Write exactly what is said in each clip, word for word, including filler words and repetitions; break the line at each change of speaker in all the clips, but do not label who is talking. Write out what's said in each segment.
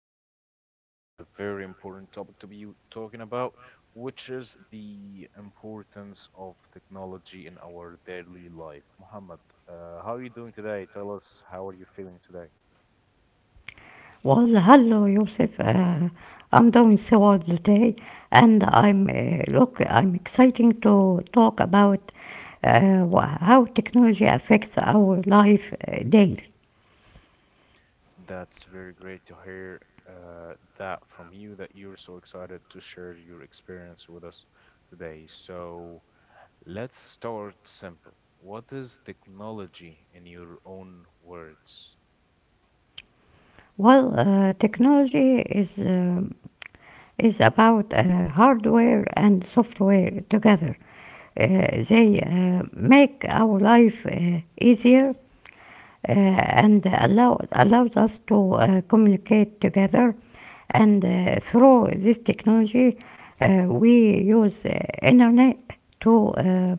Muhammad, and we have a very important topic to be talking about, which is the importance of technology in our daily life. Muhammad, uh, how are you doing today? Tell us how are you feeling today?
Well, hello, Yusuf. Uh, I'm doing so well today, and I'm uh, look. I'm exciting to talk about uh, wha- how technology affects our life uh, daily.
That's very great to hear uh, that from you that you're so excited to share your experience with us today. So. Let's start simple. What is technology in your own words?
Well, uh, technology is um is about uh, hardware and software together. Uh, they uh, make our life uh, easier uh, and allow, allowed us to uh, communicate together. And uh, through this technology, uh, we use uh, internet to uh,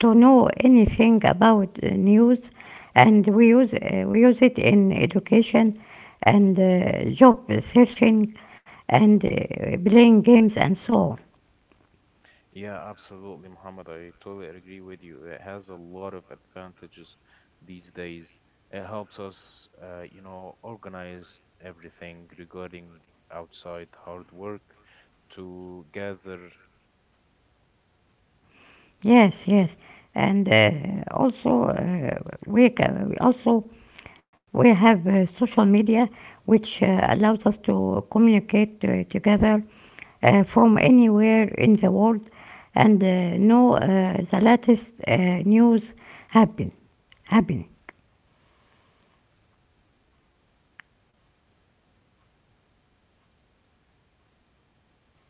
to know anything about uh, news, and we use uh, we use it in education and
Mhm.
uh, job searching and uh, playing games and so on.
Yeah, absolutely, Muhammad. I totally agree with you. It has a lot of advantages these days. It helps us, uh, you know, organize everything regarding outside hard work to gather the information, to gather
Yes, yes,
data,
and uh, also
and
uh, we ca- we
everything
also
in life that
we
would
have uh,
makes
social
it
media
easier.
which uh, allows us to
So
communicate uh, together uh, from
you're
anywhere
there
in the
with me,
world
Muhammad.
and uh, know uh, the latest uh, news happen happen.
Muhammad, you're there.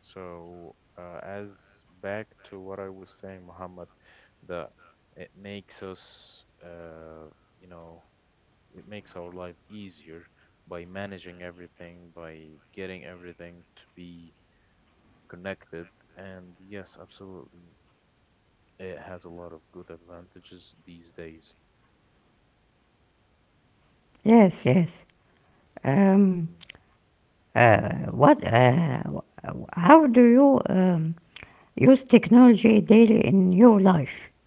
So uh, as back to what I was saying, Muhammad, that it makes us, uh, you know, it makes our life easier by managing everything, by getting everything to be connected. And yes, absolutely, it has a lot of good advantages these days.
Yes, yes. Um,
Mhm.
uh, what? Uh, how do you um, use technology daily in your life?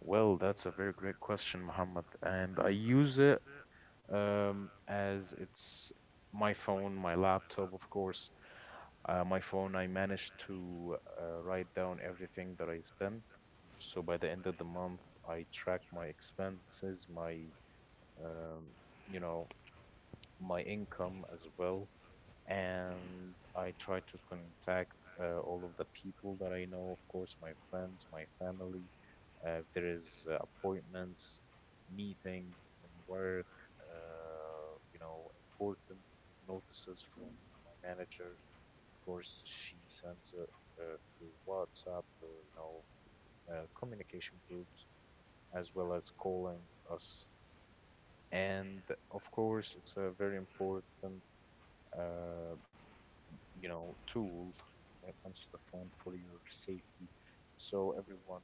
Well, that's a very great question, Muhammad. And I use it um, as it's my phone, my laptop, of course. Uh, my phone, I managed to uh, write down everything that I spent. So by the end of the month, I track my expenses, my um, you know, my income as well. And I try to contact uh, all of the people that I know, of course, my friends, my family. Uh, if there is uh, appointments, meetings and work, uh, you know, important notices from my manager. Of course, she sends it uh, through WhatsApp or you know uh, communication groups, as well as calling us. And of course, it's a very important uh, you know, tool when it comes to the phone for your safety. So everyone,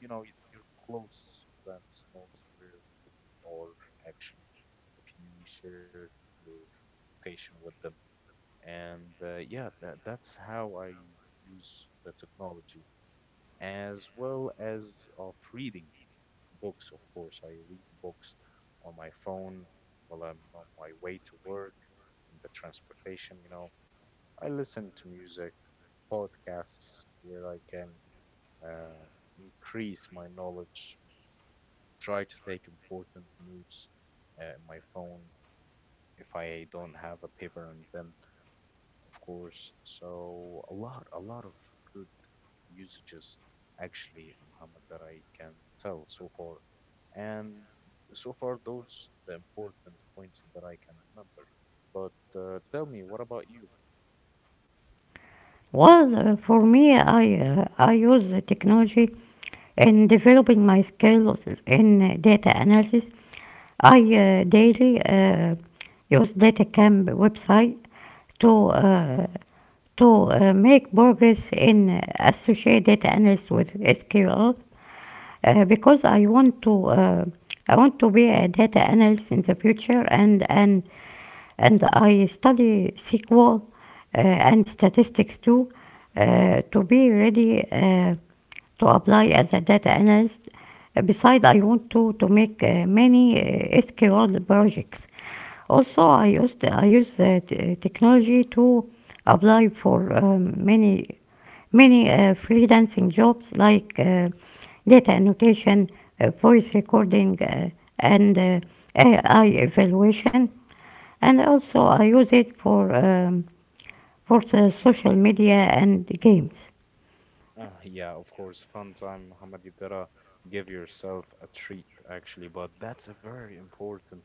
you know, y- your close friends knows where you are actually if you share your location with them. And uh, yeah, that that's how I use the technology, as well as of reading books, of course. I read books on my phone while I'm on my way to work, in the transportation, you know. I listen to music, podcasts where I can uh, increase my knowledge, try to take important notes uh, in my phone if I don't have a paper and pen, of course. So a lot, a lot of good usages actually, Muhammad, that I can tell so far. And so far, those the important points that I can remember. But uh, tell me, what about you?
Well, uh, for me, I uh, I use the technology in developing my skills in uh, data analysis. I uh, Daily uh, use DataCamp website to uh,
Uh-huh.
to uh, make progress in associate data analysis with S Q L uh, because I want to uh, I want to be a data analyst in the future, and and and I study S Q L uh, and statistics too uh, to be
Mhm,
ready uh, to apply as a data analyst. Besides, I want to to make uh, many uh, S Q L projects. Also, I used I use uh, t- technology to apply for um, many many uh, freelancing jobs like uh, data annotation, uh, voice recording, uh, and uh,
mhm.
A I evaluation. And also, I use it for um, for the social media and games.
Uh, yeah, of course, fun time, Muhammad. You gotta give yourself a treat, actually. But that's a very important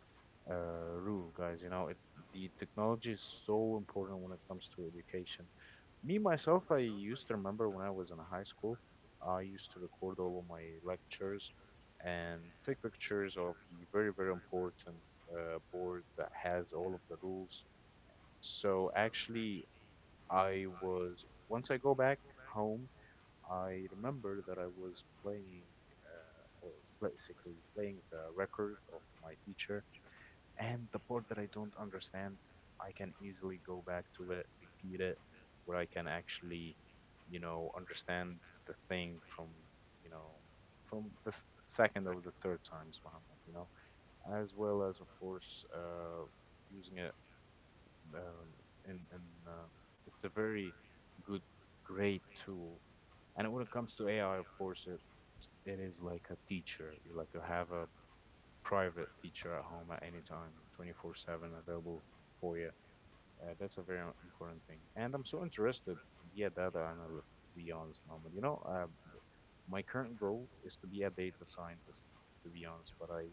uh, rule, guys. You know, it, the technology is so important when it comes to education. Me, myself, I used to remember when I was in high school, I used to record all of my lectures and take pictures of the very, very important uh, board that has all of the rules. So actually, I was, once I go back home, I remember that I was playing, uh, or basically playing the record of my teacher, and the part that I don't understand, I can easily go back to it, repeat it, where I can actually, you know, understand the thing from, you know, from the th- second or the third times, Muhammad, you know, as well as, of course, uh, using it um, and and uh, it's a very good, great tool. And when it comes to A I, of course, it, it is like a teacher. You like you have a private teacher at home at any time, twenty-four seven available for you. Uh, that's a very important thing. And I'm so interested to be a data analyst, to be honest, Mohammed. You know, um, th- my current goal is to be a data scientist, to be honest, but I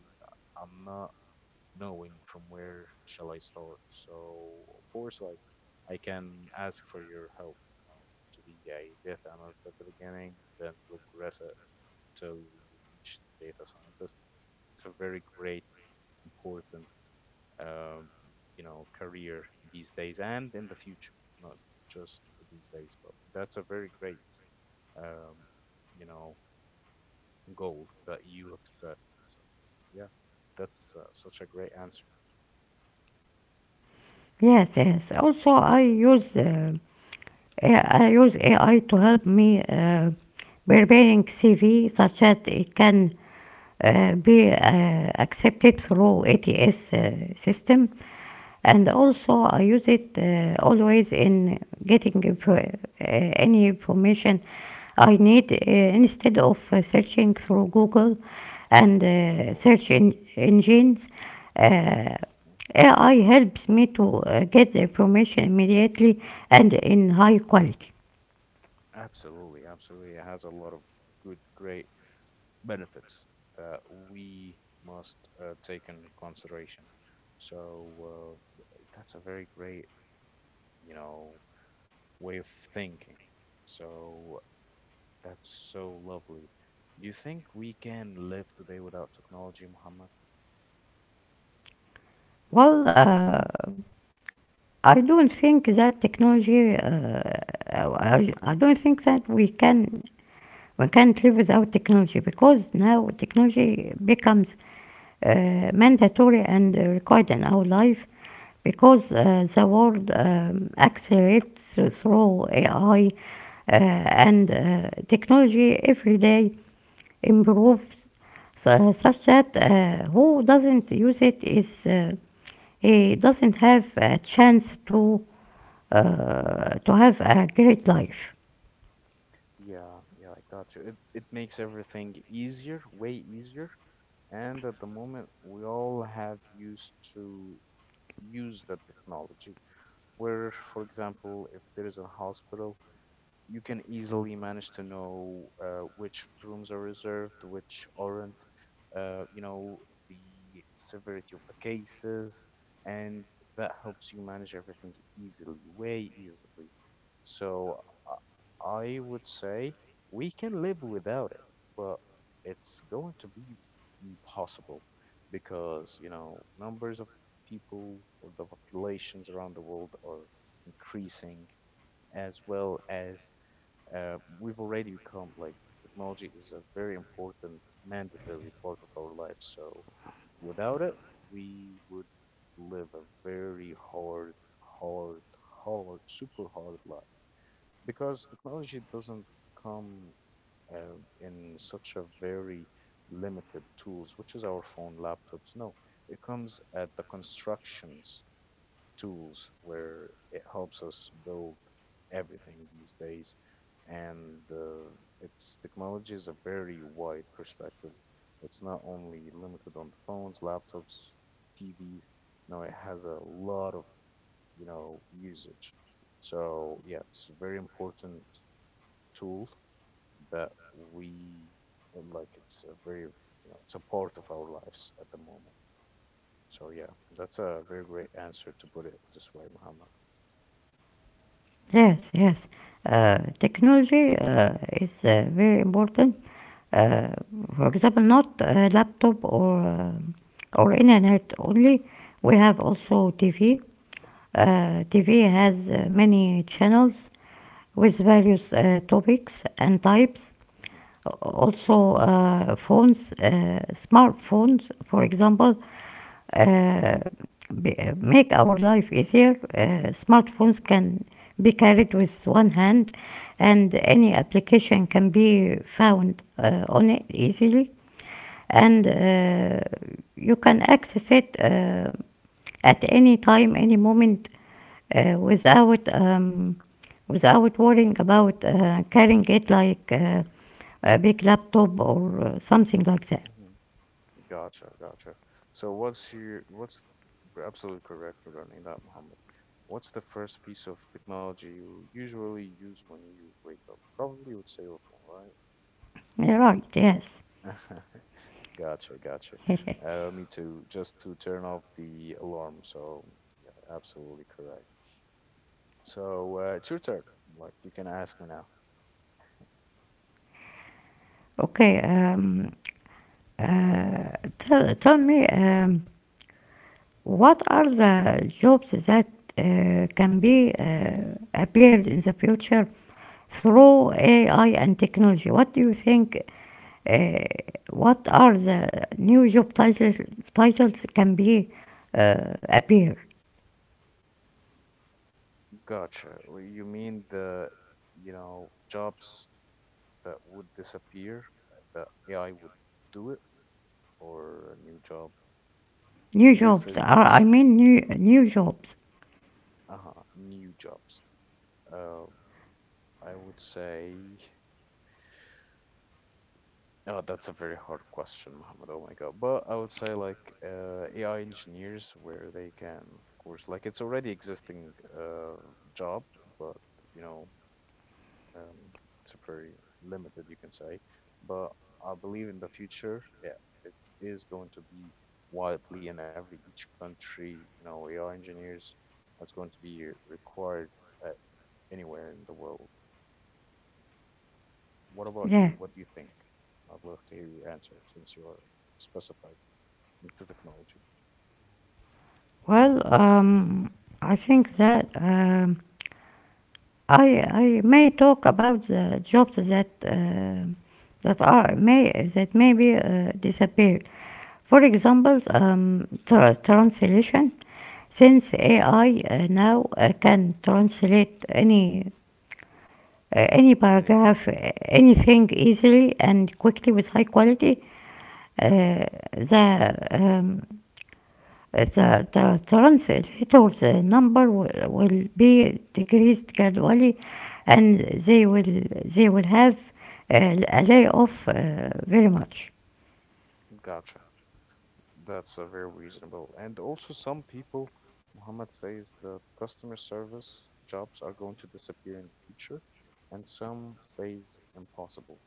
I'm not knowing from where shall I start. So of course, like I can ask for your help, you know, to be a data analyst at the beginning, then progress it till we reach data scientist. It's a very great, important, um, you know, career these days and in the future, not just these days, but that's a very great, um, you know, goal that you have set. So yeah, that's uh, such a great answer.
Yes, yes. Also, I use uh, I use A I to help me uh, preparing C V such that it can uh, be uh, accepted through A T S uh, system, and
Mhm.
also I use it uh, always in getting pro- uh, any information I need uh, instead of uh, searching through Google and
Of
uh, search
course.
en- engines. Uh,
Mhm.
A I helps me to uh, get the information immediately and in high quality.
Absolutely, absolutely. It has a lot of good, great benefits that we must uh, take in consideration. So uh, th- that's a very great, you know, way of thinking. So that's so lovely. Do you think we can live today without technology, Muhammad?
Well, uh, I don't think that technology. Uh, I, I don't think that we can One can't live without technology because now technology becomes uh, mandatory and required in our life because
Mhm.
uh, the world um, accelerates through A I uh, and uh, technology every day improves su- such that uh, who doesn't use it is uh, he doesn't have a chance to uh, to have a great life.
Yeah, yeah, I got you. It it makes everything easier, way easier. And at the moment, we all have used to use that technology. Where, for example, if there is a hospital, you can easily manage to know uh, which rooms are reserved, which aren't, uh, you know, the severity of the cases, and that helps you manage everything easily, way easily. So uh, I would say we can live without it, but it's going to be impossible because, you know, numbers of people or the populations around the world are increasing as well as uh, we've already become like technology is a very important, mandatory part of our life. So without it, we would live a very hard, hard, hard, super hard life because technology doesn't come uh, in such a very limited tools, which is our phone, laptops. No, it comes at the constructions tools where it helps us build everything these days. And uh, it's technology is a very wide perspective. It's not only limited on the phones, laptops, T Vs. No, it has a lot of, you know, usage. So yeah, it's a very important tool that we like. It's a very, you know, it's a part of our lives at the moment. So yeah, that's a very great answer to put it this way, Muhammad.
Yes, yes. Uh, technology uh, is uh, very important. Uh, for example, not a laptop or um or internet only. We have also T V. Uh, T V has uh, many channels with
Mhm.
various uh, topics and types.
Hmm.
Also, uh, phones, uh, smartphones, for example, uh, make our life easier. Uh, smartphones
Hmm.
can be carried with one hand, and
Hmm.
any application can be found uh, on it easily, and
Hmm.
uh, you can access it uh, at any time, any moment, uh, without um, without worrying about uh, carrying it like uh, a big laptop or uh, something like that.
Hmm. Gotcha, gotcha. So what's your what's you're absolutely correct regarding that, Mohammed. What's the first piece of technology you usually use when you wake up? Probably you would say your phone,
Yeah, right? Yes.
right? Gotcha, gotcha. Uh, me too, just to turn off the alarm. So yeah, absolutely correct. So uh, it's your turn. Like you can ask me now.
okay. Um, Uh, tell, tell me, um, what are the jobs that uh, can be uh, appeared in the future through A I and technology? What do you think? Uh, what are the new job titles? Titles can be uh, appear.
Gotcha. Well, You mean the, you know, jobs that would disappear, that A I would do it, or a new job? Can
New
you rephrase
jobs.
the
Are, I
question?
mean, new new jobs.
Uh-huh, new jobs. Uh, I would say, oh, that's a very hard question, Muhammad. Oh my God. But I would say like uh, A I engineers, where they can, of course, like it's already existing uh, job, but you know, um, it's very limited, you can say. But I believe in the future, yeah, it is going to be widely in every each country. You know, A I engineers are going to be required uh, anywhere in the world. What about
Yeah.
you? What do you think? I'd love to hear your answer since you're specified into technology.
Well, um, I think that. Um, I I may talk about the jobs that uh, that are may that maybe uh, disappeared. For example, um, tra- translation. Since
Hmm.
A I uh, now uh, can translate any uh, any
Anything.
paragraph, uh, anything
Hmm.
easily and quickly with high quality,
Yep,
uh, the um, the, the translators, the number will, will be decreased gradually, and they will they will have uh, a layoff uh, very much.
gotcha. That's a very reasonable. And also, some people, Muhammad says that customer service jobs are going to disappear in the future, and some says impossible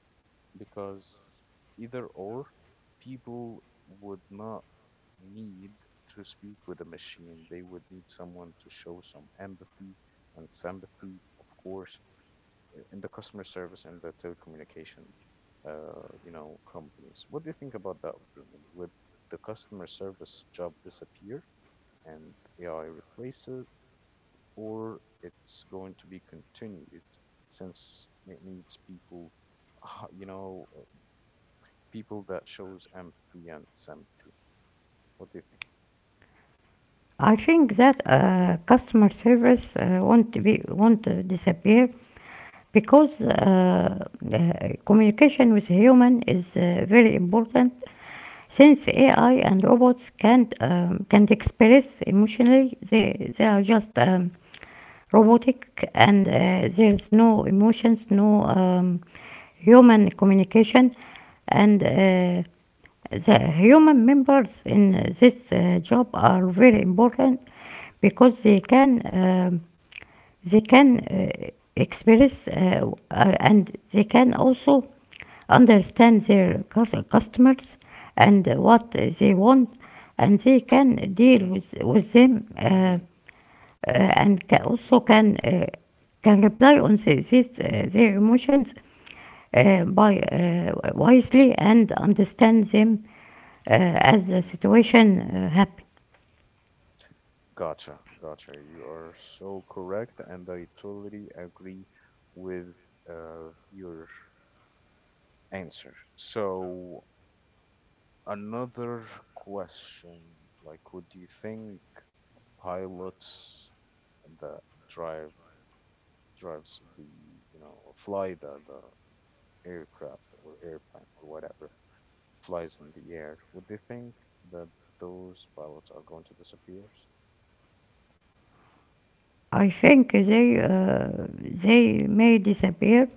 because either or, people would not need to speak with a machine. They would need someone to show some empathy and sympathy, of course, in the customer service and the telecommunication, uh, you know, companies. What do you think about that opinion? Would the customer service job disappear and A I replace it, or it's going to be continued since it needs people, uh, you know, uh, people that shows empathy and sympathy? What do you think?
I think that uh, customer service uh, won't be won't disappear because uh, uh, communication with human is uh, very important. Since A I and robots can't um, can't express emotionally, they they are just um, robotic, and uh, there's no emotions, no um, human communication, and
Mhm.
uh, the human members in this uh, job are very important because they can um they can uh, express uh, uh, and they can also understand their cus- customers and what they want, and they can deal
Mm,
with with them uh,
mhm,
uh, and ca- also can uh, can reply on the, this, uh, their emotions uh, by uh, wisely and understand them uh, as the
mhm.
situation uh, happen.
Gotcha, gotcha. You are so correct, and I totally agree with uh, your answer. So another question, like, would you think pilots that drive drives the, you know, fly the the aircraft or airplane or whatever flies in the air, would they think that those pilots are going to disappear?
I think they uh, they may disappear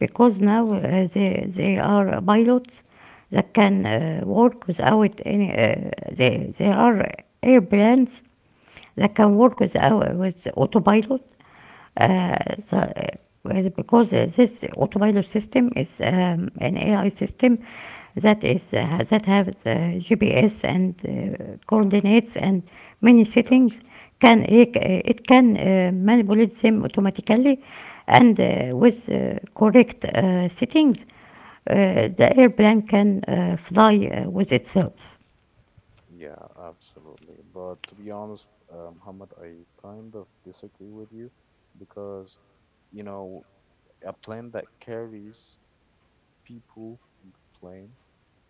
because now
Mm-hmm,
uh, they they are pilots that can uh, work without any. Uh, they they are airplanes that
mm-hmm,
can work without with autopilot. Uh,
mm-hmm,
so uh, because this autopilot system is um, an A I
mm-hmm.
system that is uh, that has the G P S and uh, coordinates and many settings,
Gotcha.
can it, uh, it can
Mm-hmm,
uh, manipulate them automatically and uh,
mm-hmm,
with uh, correct uh, settings uh, the
mm-hmm.
airplane can uh, fly uh, with itself.
Yeah, absolutely. But to be honest, uh, Muhammad, I kind of disagree with you because, you know, a plane that carries people on the plane,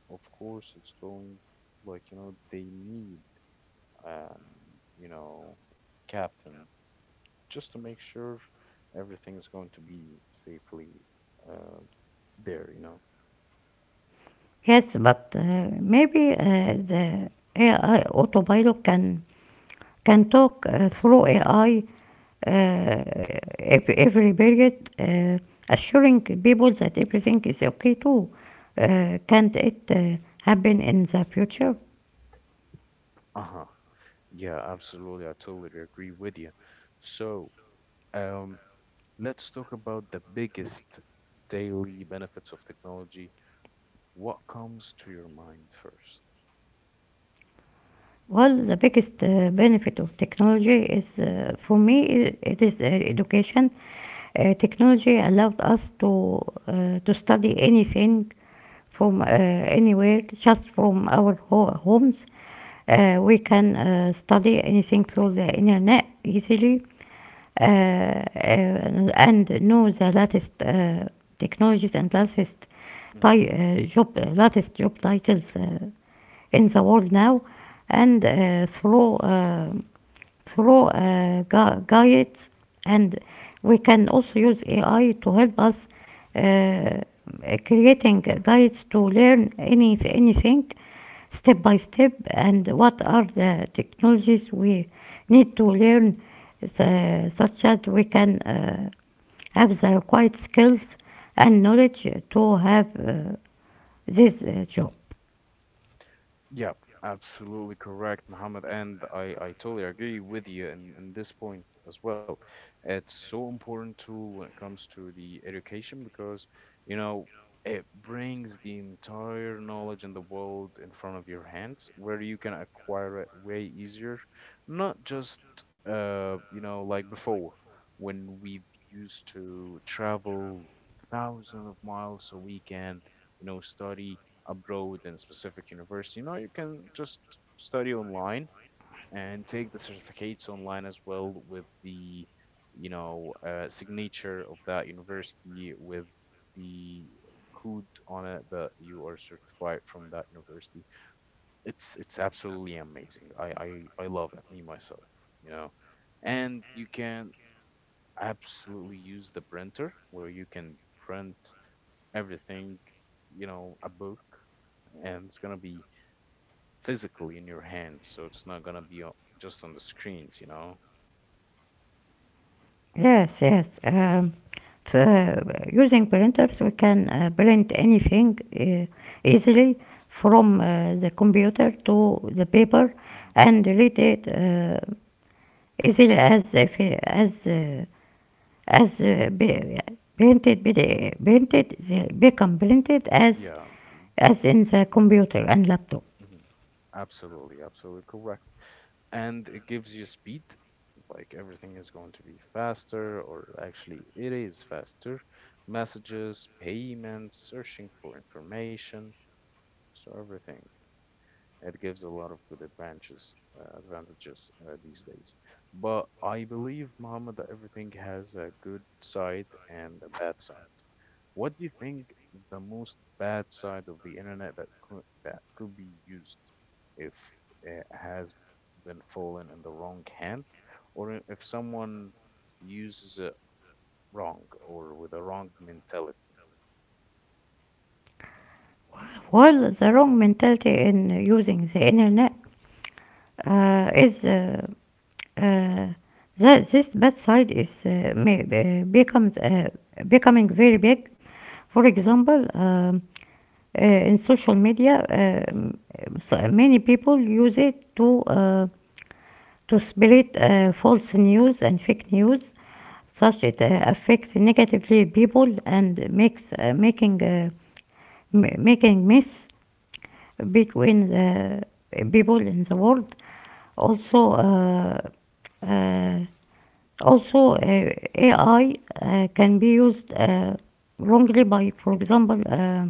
of course, it's going like, you know, they need an, you know, captain just to make sure everything is going to be safely uh, there, you know.
Yes, but uh, maybe uh, the A I autopilot can can talk uh, through A I uh, every period, uh, assuring people that everything is okay too. Uh, can't it uh, happen in the future?
Uh-huh. Yeah, absolutely. I totally agree with you. So, um, Let's talk about the biggest daily benefits of technology. What comes to your mind first?
Well, the biggest uh, benefit of technology is, uh, for me, i- it is uh, education. Uh, technology allowed us to uh, to study anything from uh, anywhere, just from our ho- homes. Uh, we can uh, study anything through the internet easily, uh, uh, and know the latest uh, technologies and latest
Mm-hmm.
ti- uh, job, uh, latest job titles Uh, in the world now, and uh, through uh, through uh, gu- guides, and we can also use A I to help us uh, creating guides to learn any anything step by step, and what are the technologies we need to learn uh, such that we can uh, have the required skills and knowledge to have uh, this uh, job.
Yeah, absolutely correct, Mohammed. And I, I totally agree with you in, in this point as well. It's so important tool when it comes to the education because, you know, it brings the entire knowledge in the world in front of your hands where you can acquire it way easier. Not just, uh, you know, like before when we used to travel thousands of miles so we can, you know, study abroad in a specific university. No, you can just study online and take the certificates online as well with the, you know, uh, signature of that university with the code on it that you are certified from that university. It's it's absolutely amazing. I I, I love it, me myself, you know. And you can absolutely use the printer where you can print everything, you know, a book and it's gonna be physically in your hands, so it's not gonna be o- just on the screens, you know.
Yes, yes. Um, for using printers, we can uh, print anything
Hmm.
uh, easily from uh, the computer to the paper
Hmm.
and read it uh, easily as if, as uh, as uh, be- printed be- printed they become
Be-
printed as
Yeah,
as in
Brentopia.
the computer and laptop.
Hmm. Absolutely, absolutely correct. And it gives you speed, like everything is going to be faster, or actually, it is faster. Messages, payments, searching for information, so everything. It gives a lot of good advantages, uh, advantages uh, these days. But I believe, Muhammad, that everything has a good side and a bad side. What do you think the most bad side of the internet that could that could be used if it has been fallen in the wrong hand, or i- if someone uses it wrong or with a wrong mentality?
While the wrong mentality in using the internet, uh, is uh, uh, that this bad side is uh, may, uh, becomes uh, becoming very big. For example, um, uh, in social media, um, so many people use it to uh, to spread uh, false news and fake news, such it uh, affects negatively people and makes uh, making uh, m- making mess between the people in the world. Also. Uh, uh, Also, uh, A I uh, can be used uh, wrongly by, for example, uh,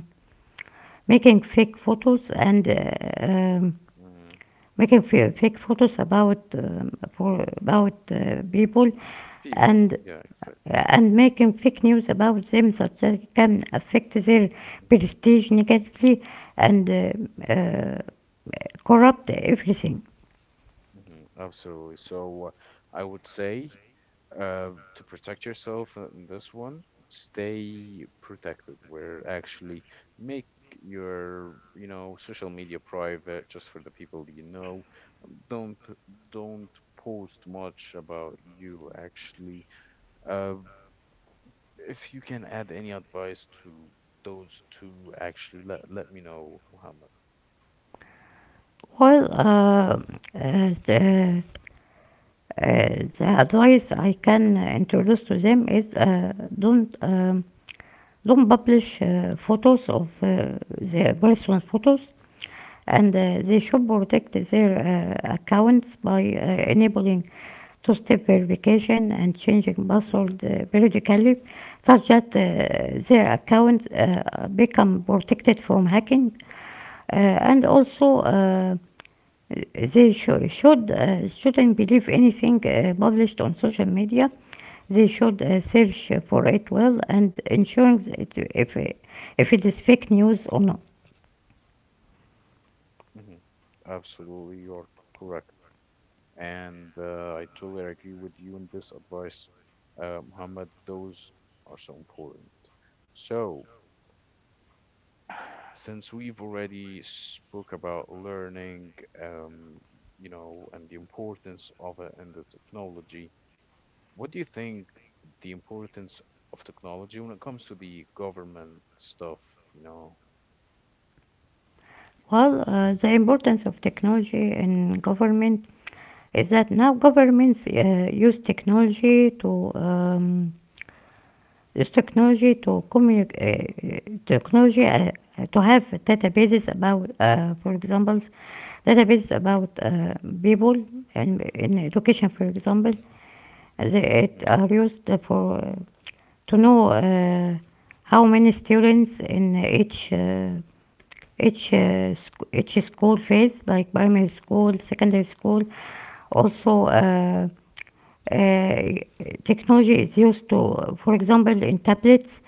making fake photos and uh, um,
Mm.
making fa- fake photos about um, for about uh, people
People,
and
yeah, exactly.
uh, and making fake news about them, such that it can affect their
Hmm.
prestige negatively and uh, uh, corrupt everything.
Mhm. Absolutely. So uh, I would say uh, to protect yourself uh, in this one, stay protected, where actually make your, you know, social media private just for the people you know. Um, Don't don't post much about you actually. Uh, if you can add any advice to those two, actually, let let me know, Muhammad.
Well, uh, uh, the- Uh, the advice I can introduce to them is uh, don't um, don't publish uh, photos of uh, the personal photos, and uh, they should protect their uh, accounts by uh, enabling two-step verification and changing password
Hmm.
uh, periodically, such that uh, their accounts uh, become protected from hacking, uh, and also. Uh, they shou- should uh, shouldn't believe anything uh, published on social media. They should uh, search for it well and ensuring that if if it is fake news or not.
Hmm. Absolutely, you're correct. And uh, I totally agree with you in this advice, uh, Muhammad. Those are so important. So, since we've already spoke about learning, um, you know, and the importance of it and the technology, what do you think the importance of technology when it comes to the government stuff, you know?
Well, uh, the importance of technology in government is that now governments uh, use technology to um, Is technology to communicate, uh, technology uh, to have databases about, uh, for example, databases about uh, people, and in education, for example, they it
Mm-hmm.
are used for uh, to know uh, how many students in each uh, each uh, sc- each school phase, like primary school,
Mm-hmm.
secondary school. Also. Uh, uh, Technology is used to, for example, in tablets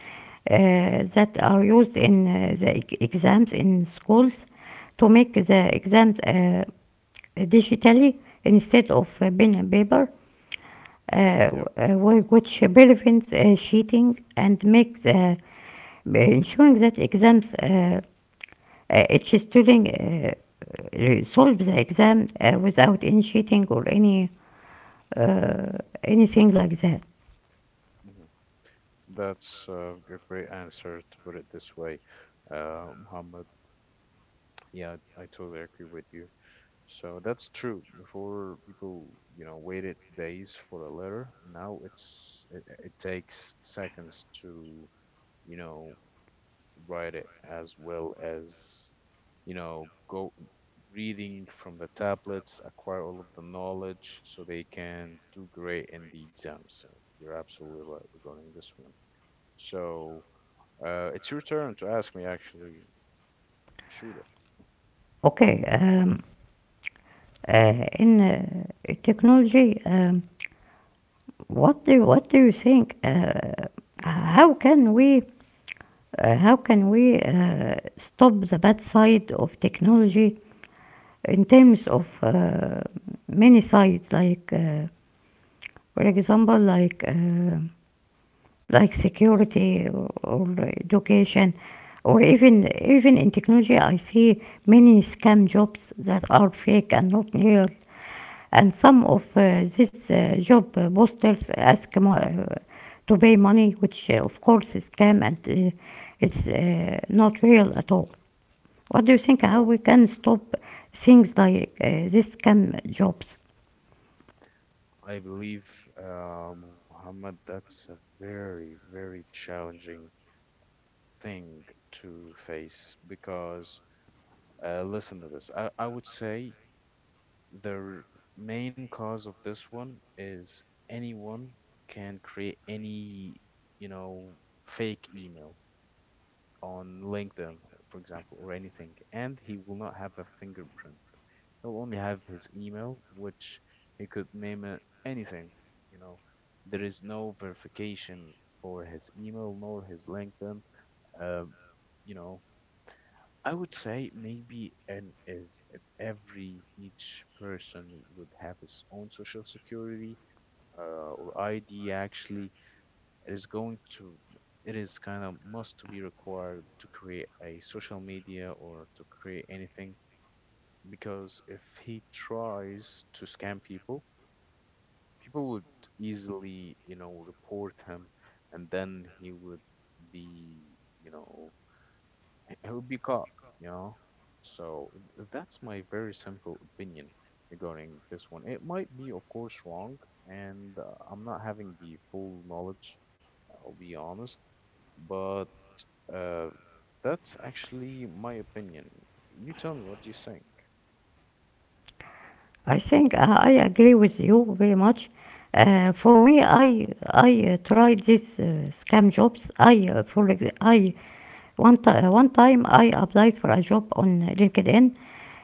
uh,
Mm-hmm.
that are used in uh, the e- exams in schools to make the exams uh, digitally instead of uh, pen and paper, uh,
Yep.
uh, which prevents uh, cheating and makes uh,
Mm-hmm.
ensuring that exams uh, uh, each student uh, solve the exam uh, without any cheating or any uh, anything like that.
Mm-hmm. That's uh, a great answer to put it this way, uh, Muhammad. Yeah, I totally agree with you. So that's true. Before people, you know, waited days for a letter. Now it's it, it takes seconds to, you know, write it as well as you know, go reading from the tablets, acquire all of the knowledge so they can do great in the exams. Uh, You're absolutely right regarding this one. So uh, it's your turn to ask me, actually. Shuda.
Okay, um, uh, in uh, technology, um, what do what do you think? Uh, how can we uh, how can we uh, stop the bad side of technology in terms of uh, many sides, like uh, for example, like uh, like security, or or
Mm-hmm. Hmm.
education, or even even in technology. I see many scam jobs that are fake and not real, and some of uh, these uh, job uh, posters ask uh, to pay money, which uh, of course is scam, and uh, it's uh, not real at all. What do you think? How we
Oh,
can stop things like uh, these scam jobs?
I believe, uh, Muhammad, that's a very, very challenging thing to face because uh, listen to this. I, I would say The r- main cause of this one is anyone can create any, you know, fake email on LinkedIn, for example, or anything, and he will not have a fingerprint. He'll only have his email, which he could name it anything, you know. There is no verification for his email nor his LinkedIn. Uh, you know, I would say maybe and is if every each person would have his own social security uh, or I D actually it is going to it is kind of must to be required to create a social media or to create anything because if he tries to scam people people would easily you know report him and then he would be you know it would be caught, you know? So th- that's my very simple opinion regarding this one. It might be, of course, wrong, and uh, I'm not having the full knowledge, I'll be honest, but uh, that's actually my opinion. You tell me what do you think.
I think uh, I agree with you very much. Uh, for me, I I uh, tried these uh, scam jobs. I uh, for I One, ti- uh, One time I applied for a job on LinkedIn,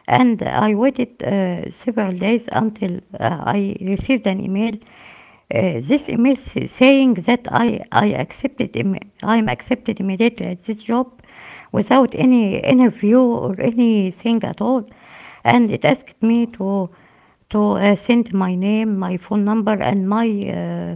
and I waited uh, several days until uh, I received an email. Uh, this
Oh,
email, saying that I, I accepted im- I am accepted immediately at this job without any interview or anything at all. And it asked me
uh-huh.
to to uh, send my name, my phone number, and my uh,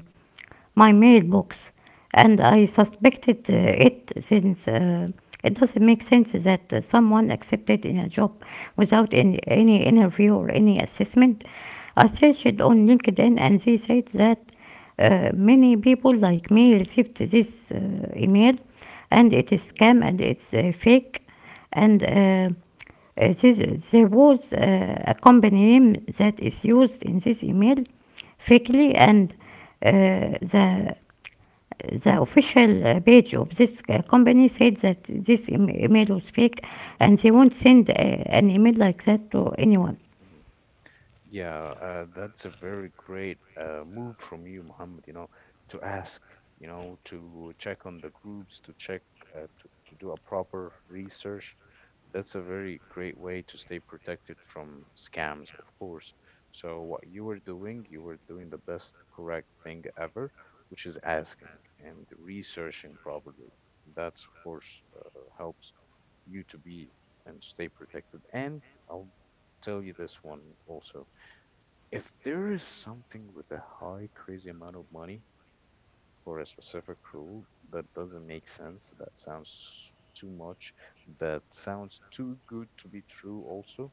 my mailbox, and I
Mm-hmm,
suspected uh, it, since uh, it doesn't make sense that uh, someone accepted in a job without any,
mm-hmm,
any interview or any assessment. I searched on LinkedIn, and they said that uh, many people like me received this uh, email, and it is
mm-hmm, mm-hmm,
scam and it's uh, fake, and
mm-hmm,
uh, uh, this, there was uh, a company name that is used in this email fakely, and uh, the the official uh, page of this uh, company said that this email was fake
mm-hmm,
and they won't send uh, an email like that to anyone.
mm-hmm. Yeah, uh, that's a very great uh, move from you, Muhammad, you know, to ask, you know, to check on the groups, to check, uh, to, to do a proper research. That's a very great way to stay protected from scams, of course. So, what you were doing, you were doing the best correct thing ever, which is asking and researching properly. That's, of course, uh, helps you to be and stay protected. And I'll tell you this one also if there is something with a high, crazy amount of money for a specific rule that doesn't make sense, that sounds too much, that sounds too good to be true, also,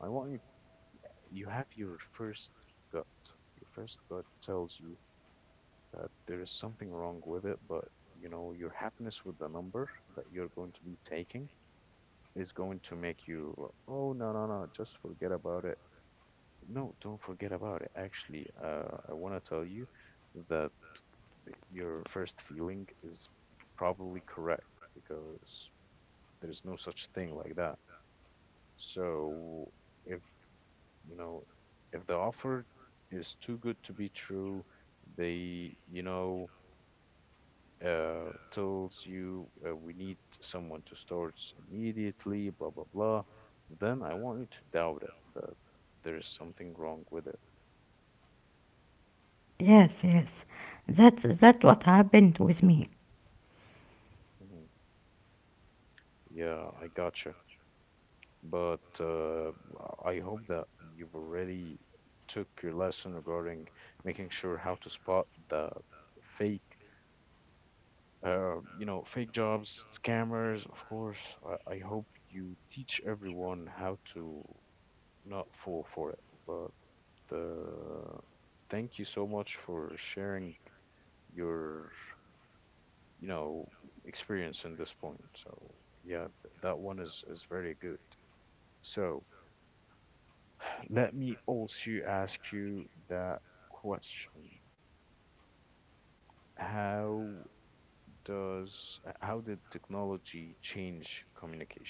I want you, you have your first gut. Your first gut tells you that there is something wrong with it, but you know, your happiness with the number that you're going to be taking is going to make you, oh, no, no, no, just forget about it. No, don't forget about it. Actually, uh, I want to tell you that your first feeling is probably correct because there's no such thing like that. So if, you know, if the offer is too good to be true, they, you know, uh, tells you uh, we need someone to start immediately, blah, blah, blah, then I want you to doubt it that there is something wrong with it.
Yes, yes. That's that what happened with me.
Mm-hmm. Yeah, I gotcha. But uh, I hope that you've already took your lesson regarding making sure how to spot the fake, uh, you know, fake jobs, scammers, of course. I, I hope you teach everyone how to not fall for it. But uh, thank you so much for sharing your, you know, experience in this point. So yeah, th that one is is very good. So. Let me also ask you that question. How does uh, how did technology change communication?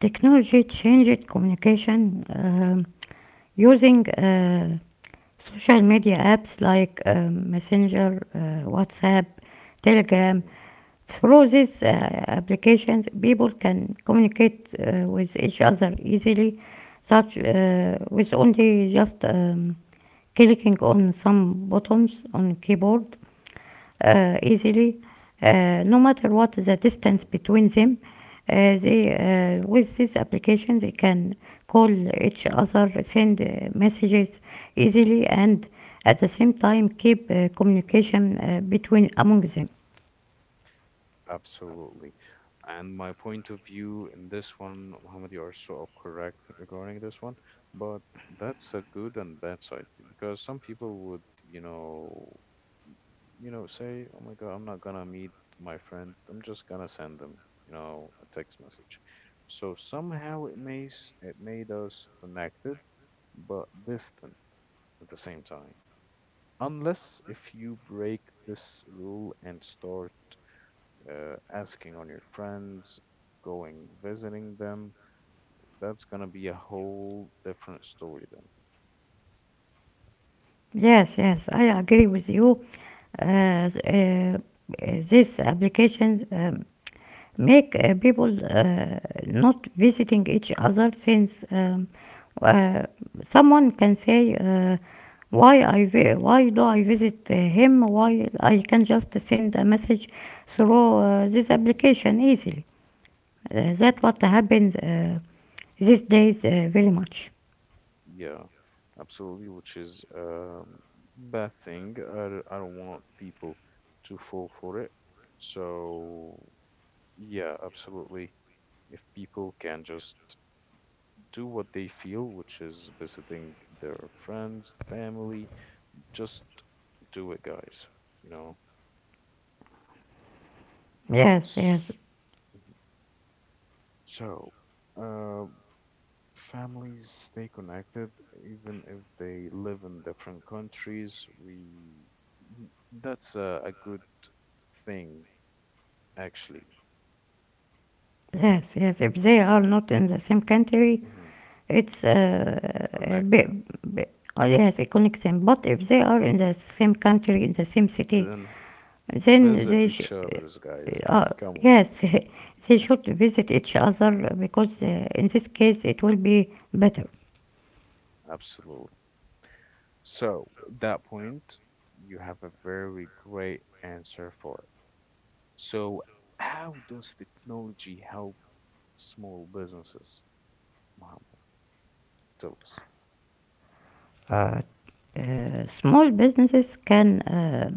Technology changed communication um, using uh, social media apps like um, Messenger, uh, WhatsApp,
Mhm,
Telegram. Through these uh, applications, people can communicate uh, with each other easily, such uh, with only just um, clicking on some buttons on keyboard uh, easily, uh, no matter what the distance
mhm,
between them. Uh, they, uh, with this application, they can call each other, send uh, messages easily, and at the same time keep uh,
mhm.
communication uh, between among them.
Absolutely. And my point of view in this one, Mohammed, you are so correct regarding this one, but that's a good and bad side because some people would, you know, you know, say, oh my God, I'm not gonna meet my friend. I'm just gonna send them, you know, a text message. So somehow it makes it made us connected, but distant at the same time. Unless if you break this rule and start uh, asking on your friends, going visiting them, that's gonna be a whole different story then.
Yes, yes, I agree with you. Uh, th- uh, these applications um, make uh, people uh, not visiting each other, since um, uh, someone can say, uh, "Why I vi- why do I visit uh, him? Why I can just send a message through uh, this
Hmm.
application easily." Uh, that
Hmm.
what happens uh, these days uh, very much.
Yeah, absolutely, which is a bad thing. I, d- I don't want people to fall for it. So, yeah, absolutely. If people can just do what they feel, which is visiting their friends, family, just do it, guys. You know?
Yes, yes,
S- mhm. So, uh, families stay connected even if they live in different countries. We n- that's a, a good thing actually.
yes, yes. If they are not in the same country,
Hmm.
it's uh,
It
a
connects
bit,
them.
they has a connection. But if they are in the same country, in the same city,
Then
then
visit
they sh-
each other's guys.
uh, uh,
Come on.
yes, they should visit each other, because
Mhm.
uh, in this case it will be better.
Absolutely. So, at that point, you have a very great answer for it. So, how does technology help small businesses, Mohammed? Tell us.
Uh, uh, Small businesses can, uh,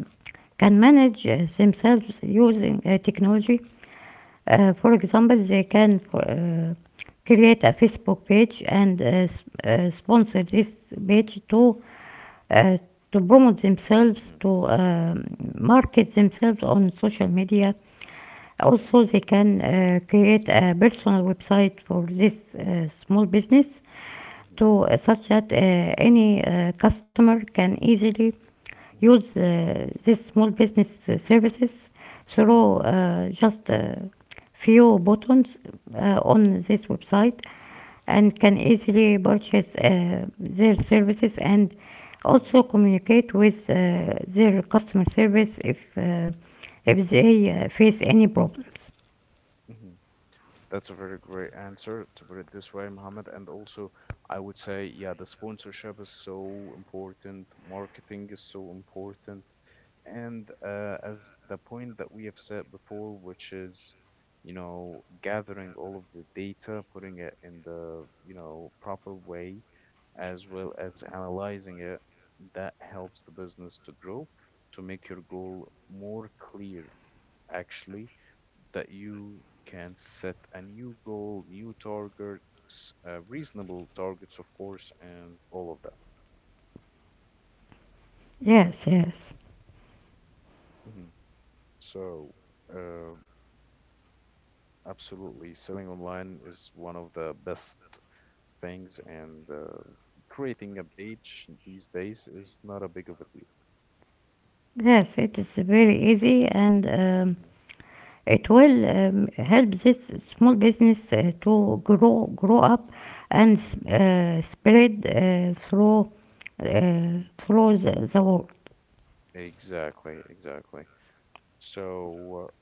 can manage uh, themselves using uh, technology. Uh, for example, they can uh, create a Facebook page and uh, uh, sponsor this page to uh, to promote themselves,
Mm-hmm.
to um market themselves on social media.
Mm-hmm.
Also, they can uh, create a personal website for this uh, small business,
Mm-hmm.
to uh, such that uh, any uh, customer can easily
Mhm,
use uh, this small business uh, services through
mhm,
uh, just a few buttons uh, on this website, and can easily purchase uh, their services and also
mhm,
communicate with uh, their customer service if uh, if they uh, face any problems.
mhm. That's a very great answer to put it this way, Mohammed. And also, I would say, yeah, the sponsorship is so important, marketing is so important. And uh, as the point that we have said before, which is, you know, gathering all of the data, putting it in the, you know, proper way, as well as analyzing it, that helps the business to grow, to make your goal more clear actually that you can set a new goal, new targets, uh, reasonable targets, of course, and all of that.
Yes, yes,
Hmm. So, uh, absolutely, selling online is one of the best things, and uh, creating a page these days is not a big of a deal.
yes. It is very easy, and. Um,
Hmm.
it will um, help this small business uh, to grow grow up and
Hmm.
uh, spread uh, through uh,
Hmm.
through the, the world.
Exactly, exactly. So, uh,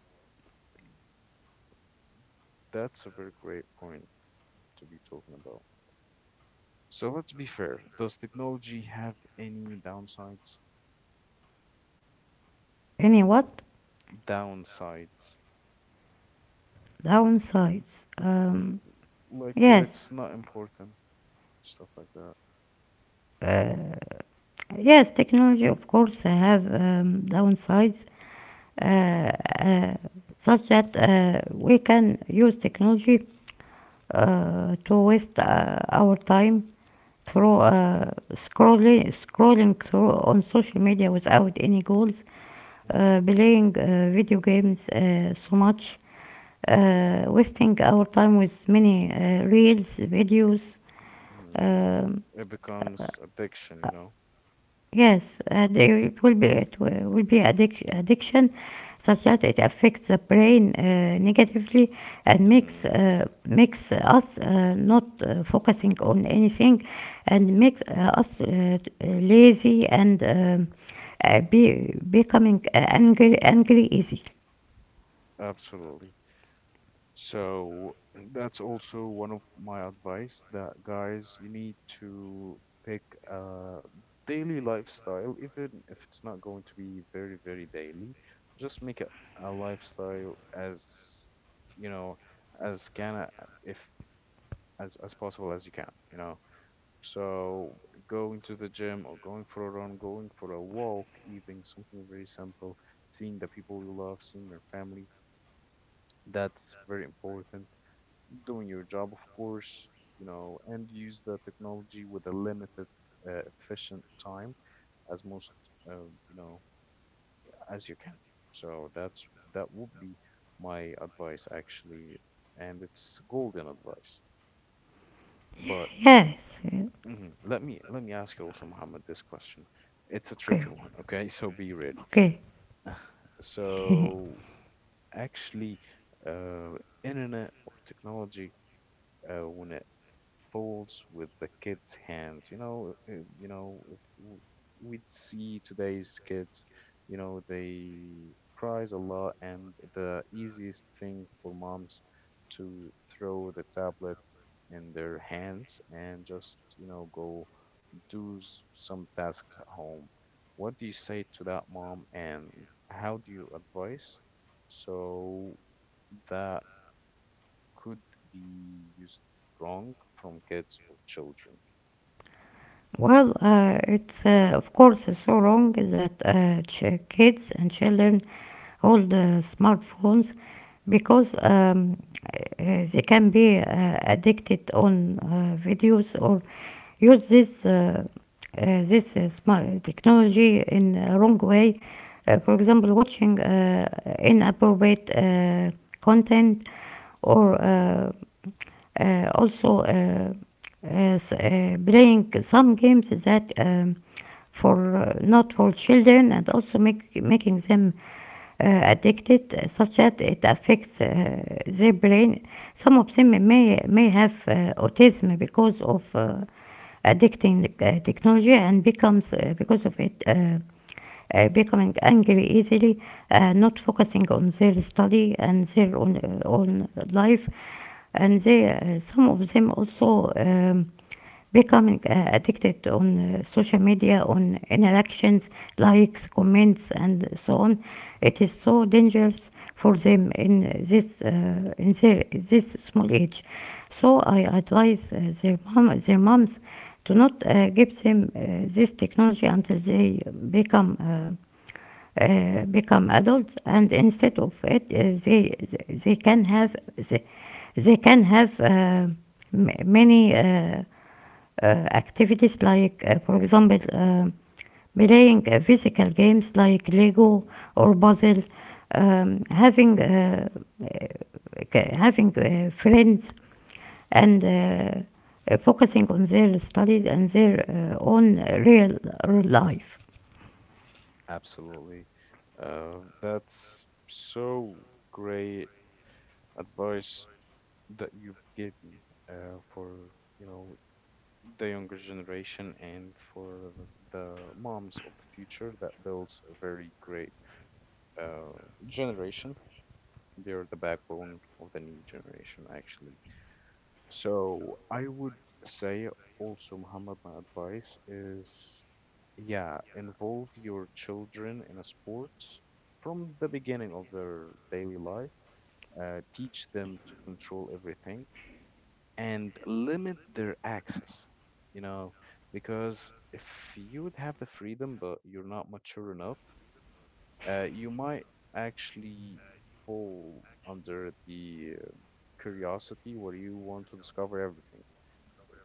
that's a very great point to be talking about. So let's be fair. Does technology have any downsides?
Any what
Downsides.
downsides?
Mm.
Um,
Like where it's
yes,
not important, stuff like that.
uh, yes. Technology, of course, have um, downsides, uh, uh, such that uh, we can use technology uh, to waste uh, our time through
Hmm.
uh, scrolling scrolling through on social media without any goals,
Hmm.
uh, playing uh, video games uh, so much, uh,
Hmm.
wasting our time with many uh, reels, videos.
Hmm.
um,
It
uh,
becomes addiction, you know?
Yes, and it will be it will will be addic addiction, such that it affects the brain uh, negatively, and makes
Hmm.
uh, makes us uh, not uh, focusing on anything, and makes uh, us uh, t- uh, lazy, and um, uh, be becoming uh, angry angry easy.
Absolutely. So that's also one of my advice that guys, you need to pick a daily lifestyle, even if it's not going to be very, very daily. Just make it a lifestyle as, you know, as can uh, if as as possible as you can, you know. So going to the gym or going for a run, going for a walk, even something very simple, seeing the people you love, seeing your family, that's very important doing your job, of course, you know, and use the technology with a limited, uh, efficient time as most, uh, you know, as you can. So that's that would be my advice actually, and it's golden advice. But
Yes. Yeah.
mhm, let me let me ask you also, Mohammed, this question. It's a tricky one, okay? So be ready.
Okay. Okay.
So actually, uh, internet or technology uh, when it folds with the kids' hands. You know, uh, you know, if w- we'd see today's kids, you know, they cries a lot, and the easiest thing for moms to throw the tablet in their hands and just, you know, go do s- some tasks at home. What do you say to that mom, and how do you advise so that could be used wrong from kids or children.
Well, uh, it's uh, of course so wrong that uh, ch- kids and children hold uh, smartphones, because um, uh, they can be uh, addicted on uh, videos or use this uh, uh, this uh, smart technology in a wrong way. Uh, for example, watching uh, inappropriate uh, content, or
Hmm.
uh, uh, also, uh, as, uh, playing some games that um, for uh, not for children, and also make, making them uh, addicted, uh, such that it affects uh, their brain. Some of them may may have uh, autism because of uh, addicting uh, technology, and becomes, uh, because of it, uh, uh, becoming angry easily, uh, not focusing on their study and their own, uh, own life, and
Hmm.
they uh, some of them also um, becoming uh, addicted on uh, social media, on interactions, likes, comments, and so on. It is so dangerous for them in this uh, in their this small age. So I advise, uh, their mom their moms, to not uh, give them uh, this technology until they become uh, uh, become adults, and instead of it uh, they they can have the, they can have uh, m- many uh, uh, activities like, uh, for example, uh, playing uh, physical games like Lego
Hmm.
or puzzle, um, having uh, uh, having uh, friends, and uh, uh, focusing on their studies and their uh, own, real real life.
Absolutely. Uh, that's so great advice that you've given uh, for, you know, the younger generation and for the, the moms of the future that builds a very great uh, generation. They're the backbone of the new generation, actually. So I would say also, Muhammad, my advice is, yeah, involve your children in a sport from the beginning of their daily life. Uh, teach them to control everything and limit their access, you know, because if you would have the freedom but you're not mature enough, uh, you might actually fall under the uh, curiosity where you want to discover everything,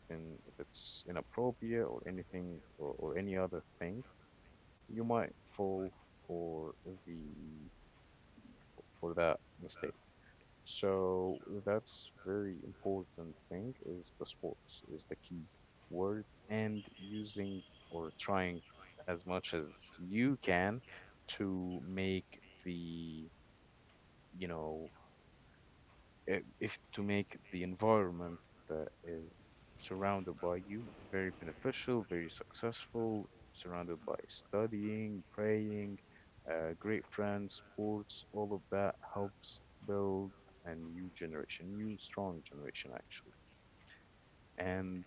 and if it's inappropriate or anything, or, or any other thing, you might fall for the for that mistake. So that's very important thing is the sports is the key word, and using or trying as much as you can to make the, you know, uh, if to make the environment that is surrounded by you very beneficial, very successful, surrounded by studying, praying, uh, great friends, sports. All of that helps build a new generation, new strong generation actually. And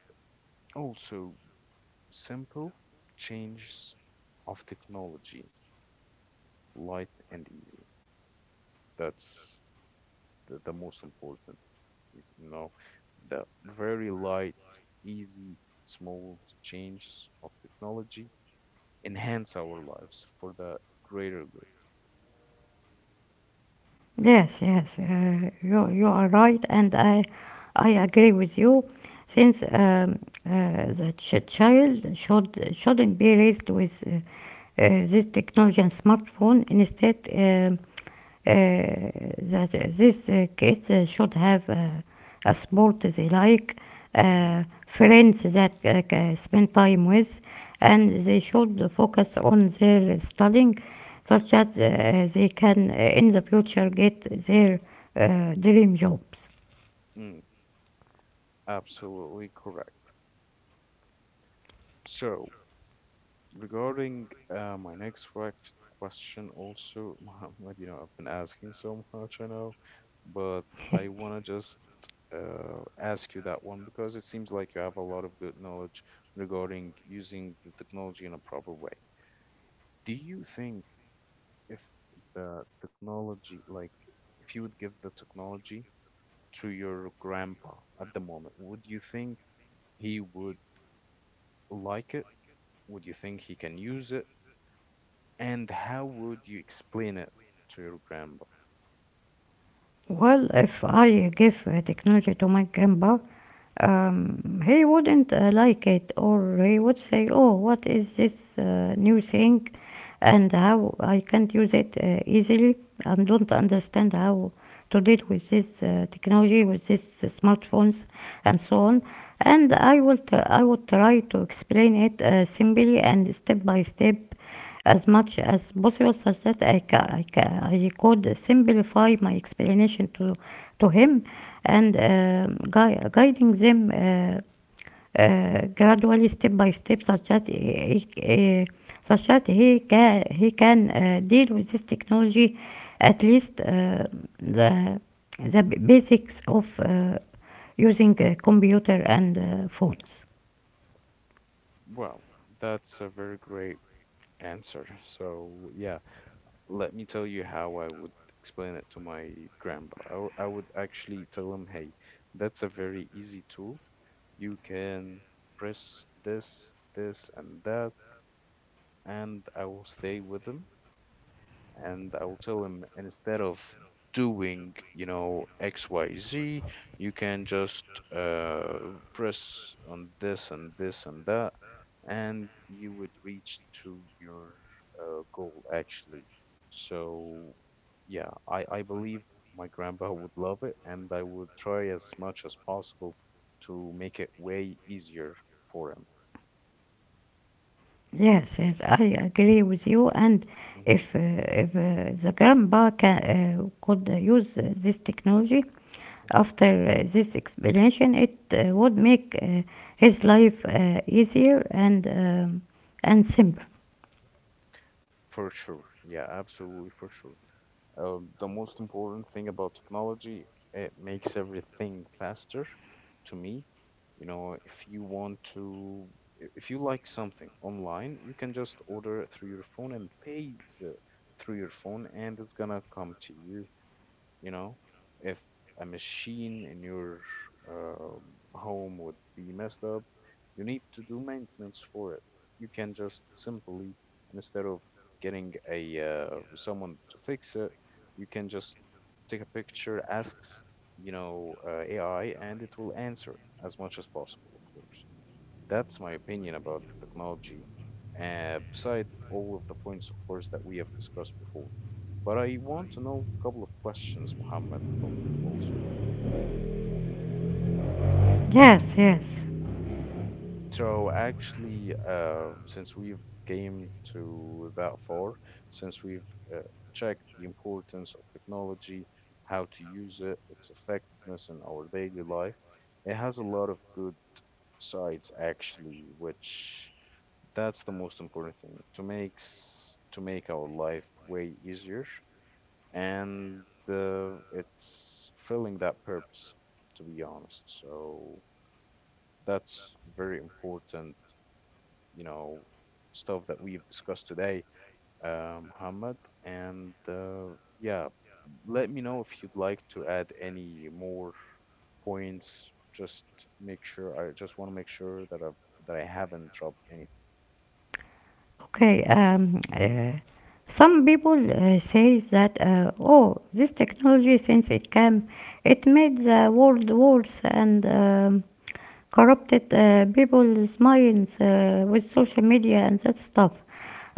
also simple changes of technology, light and easy. That's the, the most important. You know, the very light, easy, small changes of technology enhance our lives for the greater good.
Yes, yes, uh, you, you are right, and I, I agree with you. Since um, uh, the ch- child should shouldn't be raised with uh, uh, this technology and smartphone. Instead, um, uh, that these kids uh, should have uh, a sport they like,
Mhm.
uh, friends that uh, ca- spend time with, and they should focus on their studying, such that uh, they can, uh, in the future, get their uh, dream jobs.
Mm, absolutely correct. So, regarding uh, my next quec- question, also, Muhammad, you know, I've been asking so much, I know, but I want to just uh, ask you that one, because it seems like you have a lot of good knowledge regarding using the technology in a proper way. Do you think if the technology, like, if you would give the technology to your grandpa at the moment, would you think he would like it? Would you think he can use it? And how would you explain it to your grandma?
Well, if I give uh, technology to my grandpa, um, he wouldn't uh, like it, or he would say, "Oh, what is this uh, new thing, and how I can't use it uh, easily, and don't understand how to deal with this uh, technology, with this uh, smartphones, and so on." And I will t- I would try to explain it uh, simply and step by step as much as possible, such that I, ca- I, ca- I could simplify my explanation to to him, and um gui- guiding them uh, uh, gradually, step by step, such that he, uh, such that he can he can uh, deal with this technology, at least uh, the the basics of uh, using uh, computer and uh, phones.
Well, that's a very great answer. So, yeah, let me tell you how I would explain it to my grandpa. I, w- I would actually tell him, hey, that's a very easy tool. You can press this, this, and that, and I will stay with him, and I will tell him, instead of doing, you know, X Y Z, you can just uh, press on this and this and that, and you would reach to your uh, goal actually. So, yeah, I, I believe my grandpa would love it, and I would try as much as possible to make it way easier for him.
Yes, yes, I agree with you. And
Hmm.
if uh, if uh, the grandpa can, uh, could uh, use uh, this technology
Hmm.
after uh, this explanation, it uh, would make uh, his life uh, easier and um, and simpler.
For sure. Yeah, absolutely for sure. Uh, the most important thing about technology, it makes everything faster to me. You know, if you want to, i- if you like something online, you can just order it through your phone and pay the through your phone, and it's gonna come to you. You know, if a machine in your uh, home would be messed up, you need to do maintenance for it, you can just simply, instead of getting a uh, someone to fix it, you can just take a picture, asks, you know, uh, ai, and it will answer, as much as possible of course. That's my opinion about the technology, uh, beside all of the points, of course, that we have discussed before. But I want to know a couple of questions, Mohammed, from you also.
Yes, yes.
Hmm. So actually, uh, since we've came to that far, since we've uh, checked the importance of technology, how to use it, its effectiveness in our daily life, it has a lot of good sides actually, which that's the most important thing, to makes to make our life way easier. And uh, it's filling that purpose, to be honest. So that's very important, you know, stuff that we've discussed today, uh, Muhammad. And uh, yeah, let me know if you'd like to add any more points. Just make sure, I just want to make sure that I've that I haven't dropped anything.
Okay, um, uh, some people uh, say that, uh, "Oh, this technology, since it came, it made the world worse and um, corrupted uh, people's minds uh, with social media and that stuff."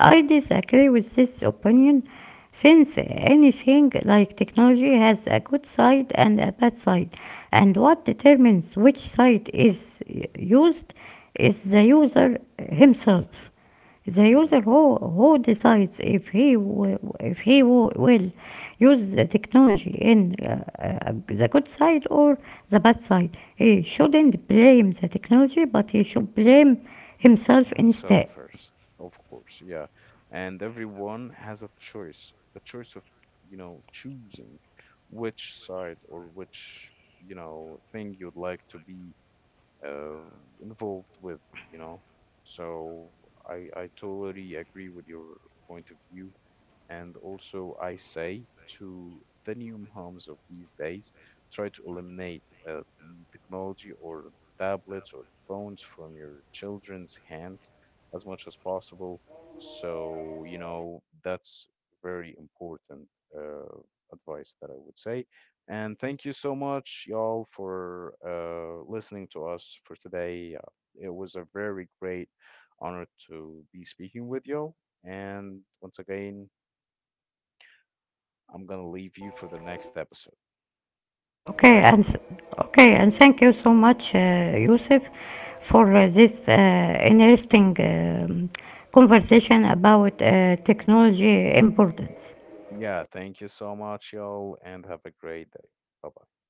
I disagree with this opinion, since anything like technology has a good side and a bad side, and
Hmm.
what determines which side is uh, used is the user himself. The
Hmm.
user who, who decides if he w- if he w- will use the technology in, uh, uh, the good side or the bad side. He shouldn't blame the technology, but he should blame himself
Himself
instead.
first, of course, yeah. And everyone has a choice, a choice of, you know, choosing which side or which, you know, thing you'd like to be uh, involved with, you know. So I I totally agree with your point of view, and also, I say to the new homes of these days, try to eliminate uh, the technology or tablets or phones from your children's hands as much as possible. So, you know, that's very important uh, advice that I would say. And thank you so much, y'all, for uh, listening to us for today. Uh, it was a very great honor to be speaking with y'all. And once again, I'm gonna leave you for the next episode,
Okay,
right?
and th- okay, and thank you so much, uh, Yusuf, for uh, this uh, interesting um, conversation about uh, technology importance.
Yeah, thank you so much, y'all, and have a great day. Bye bye.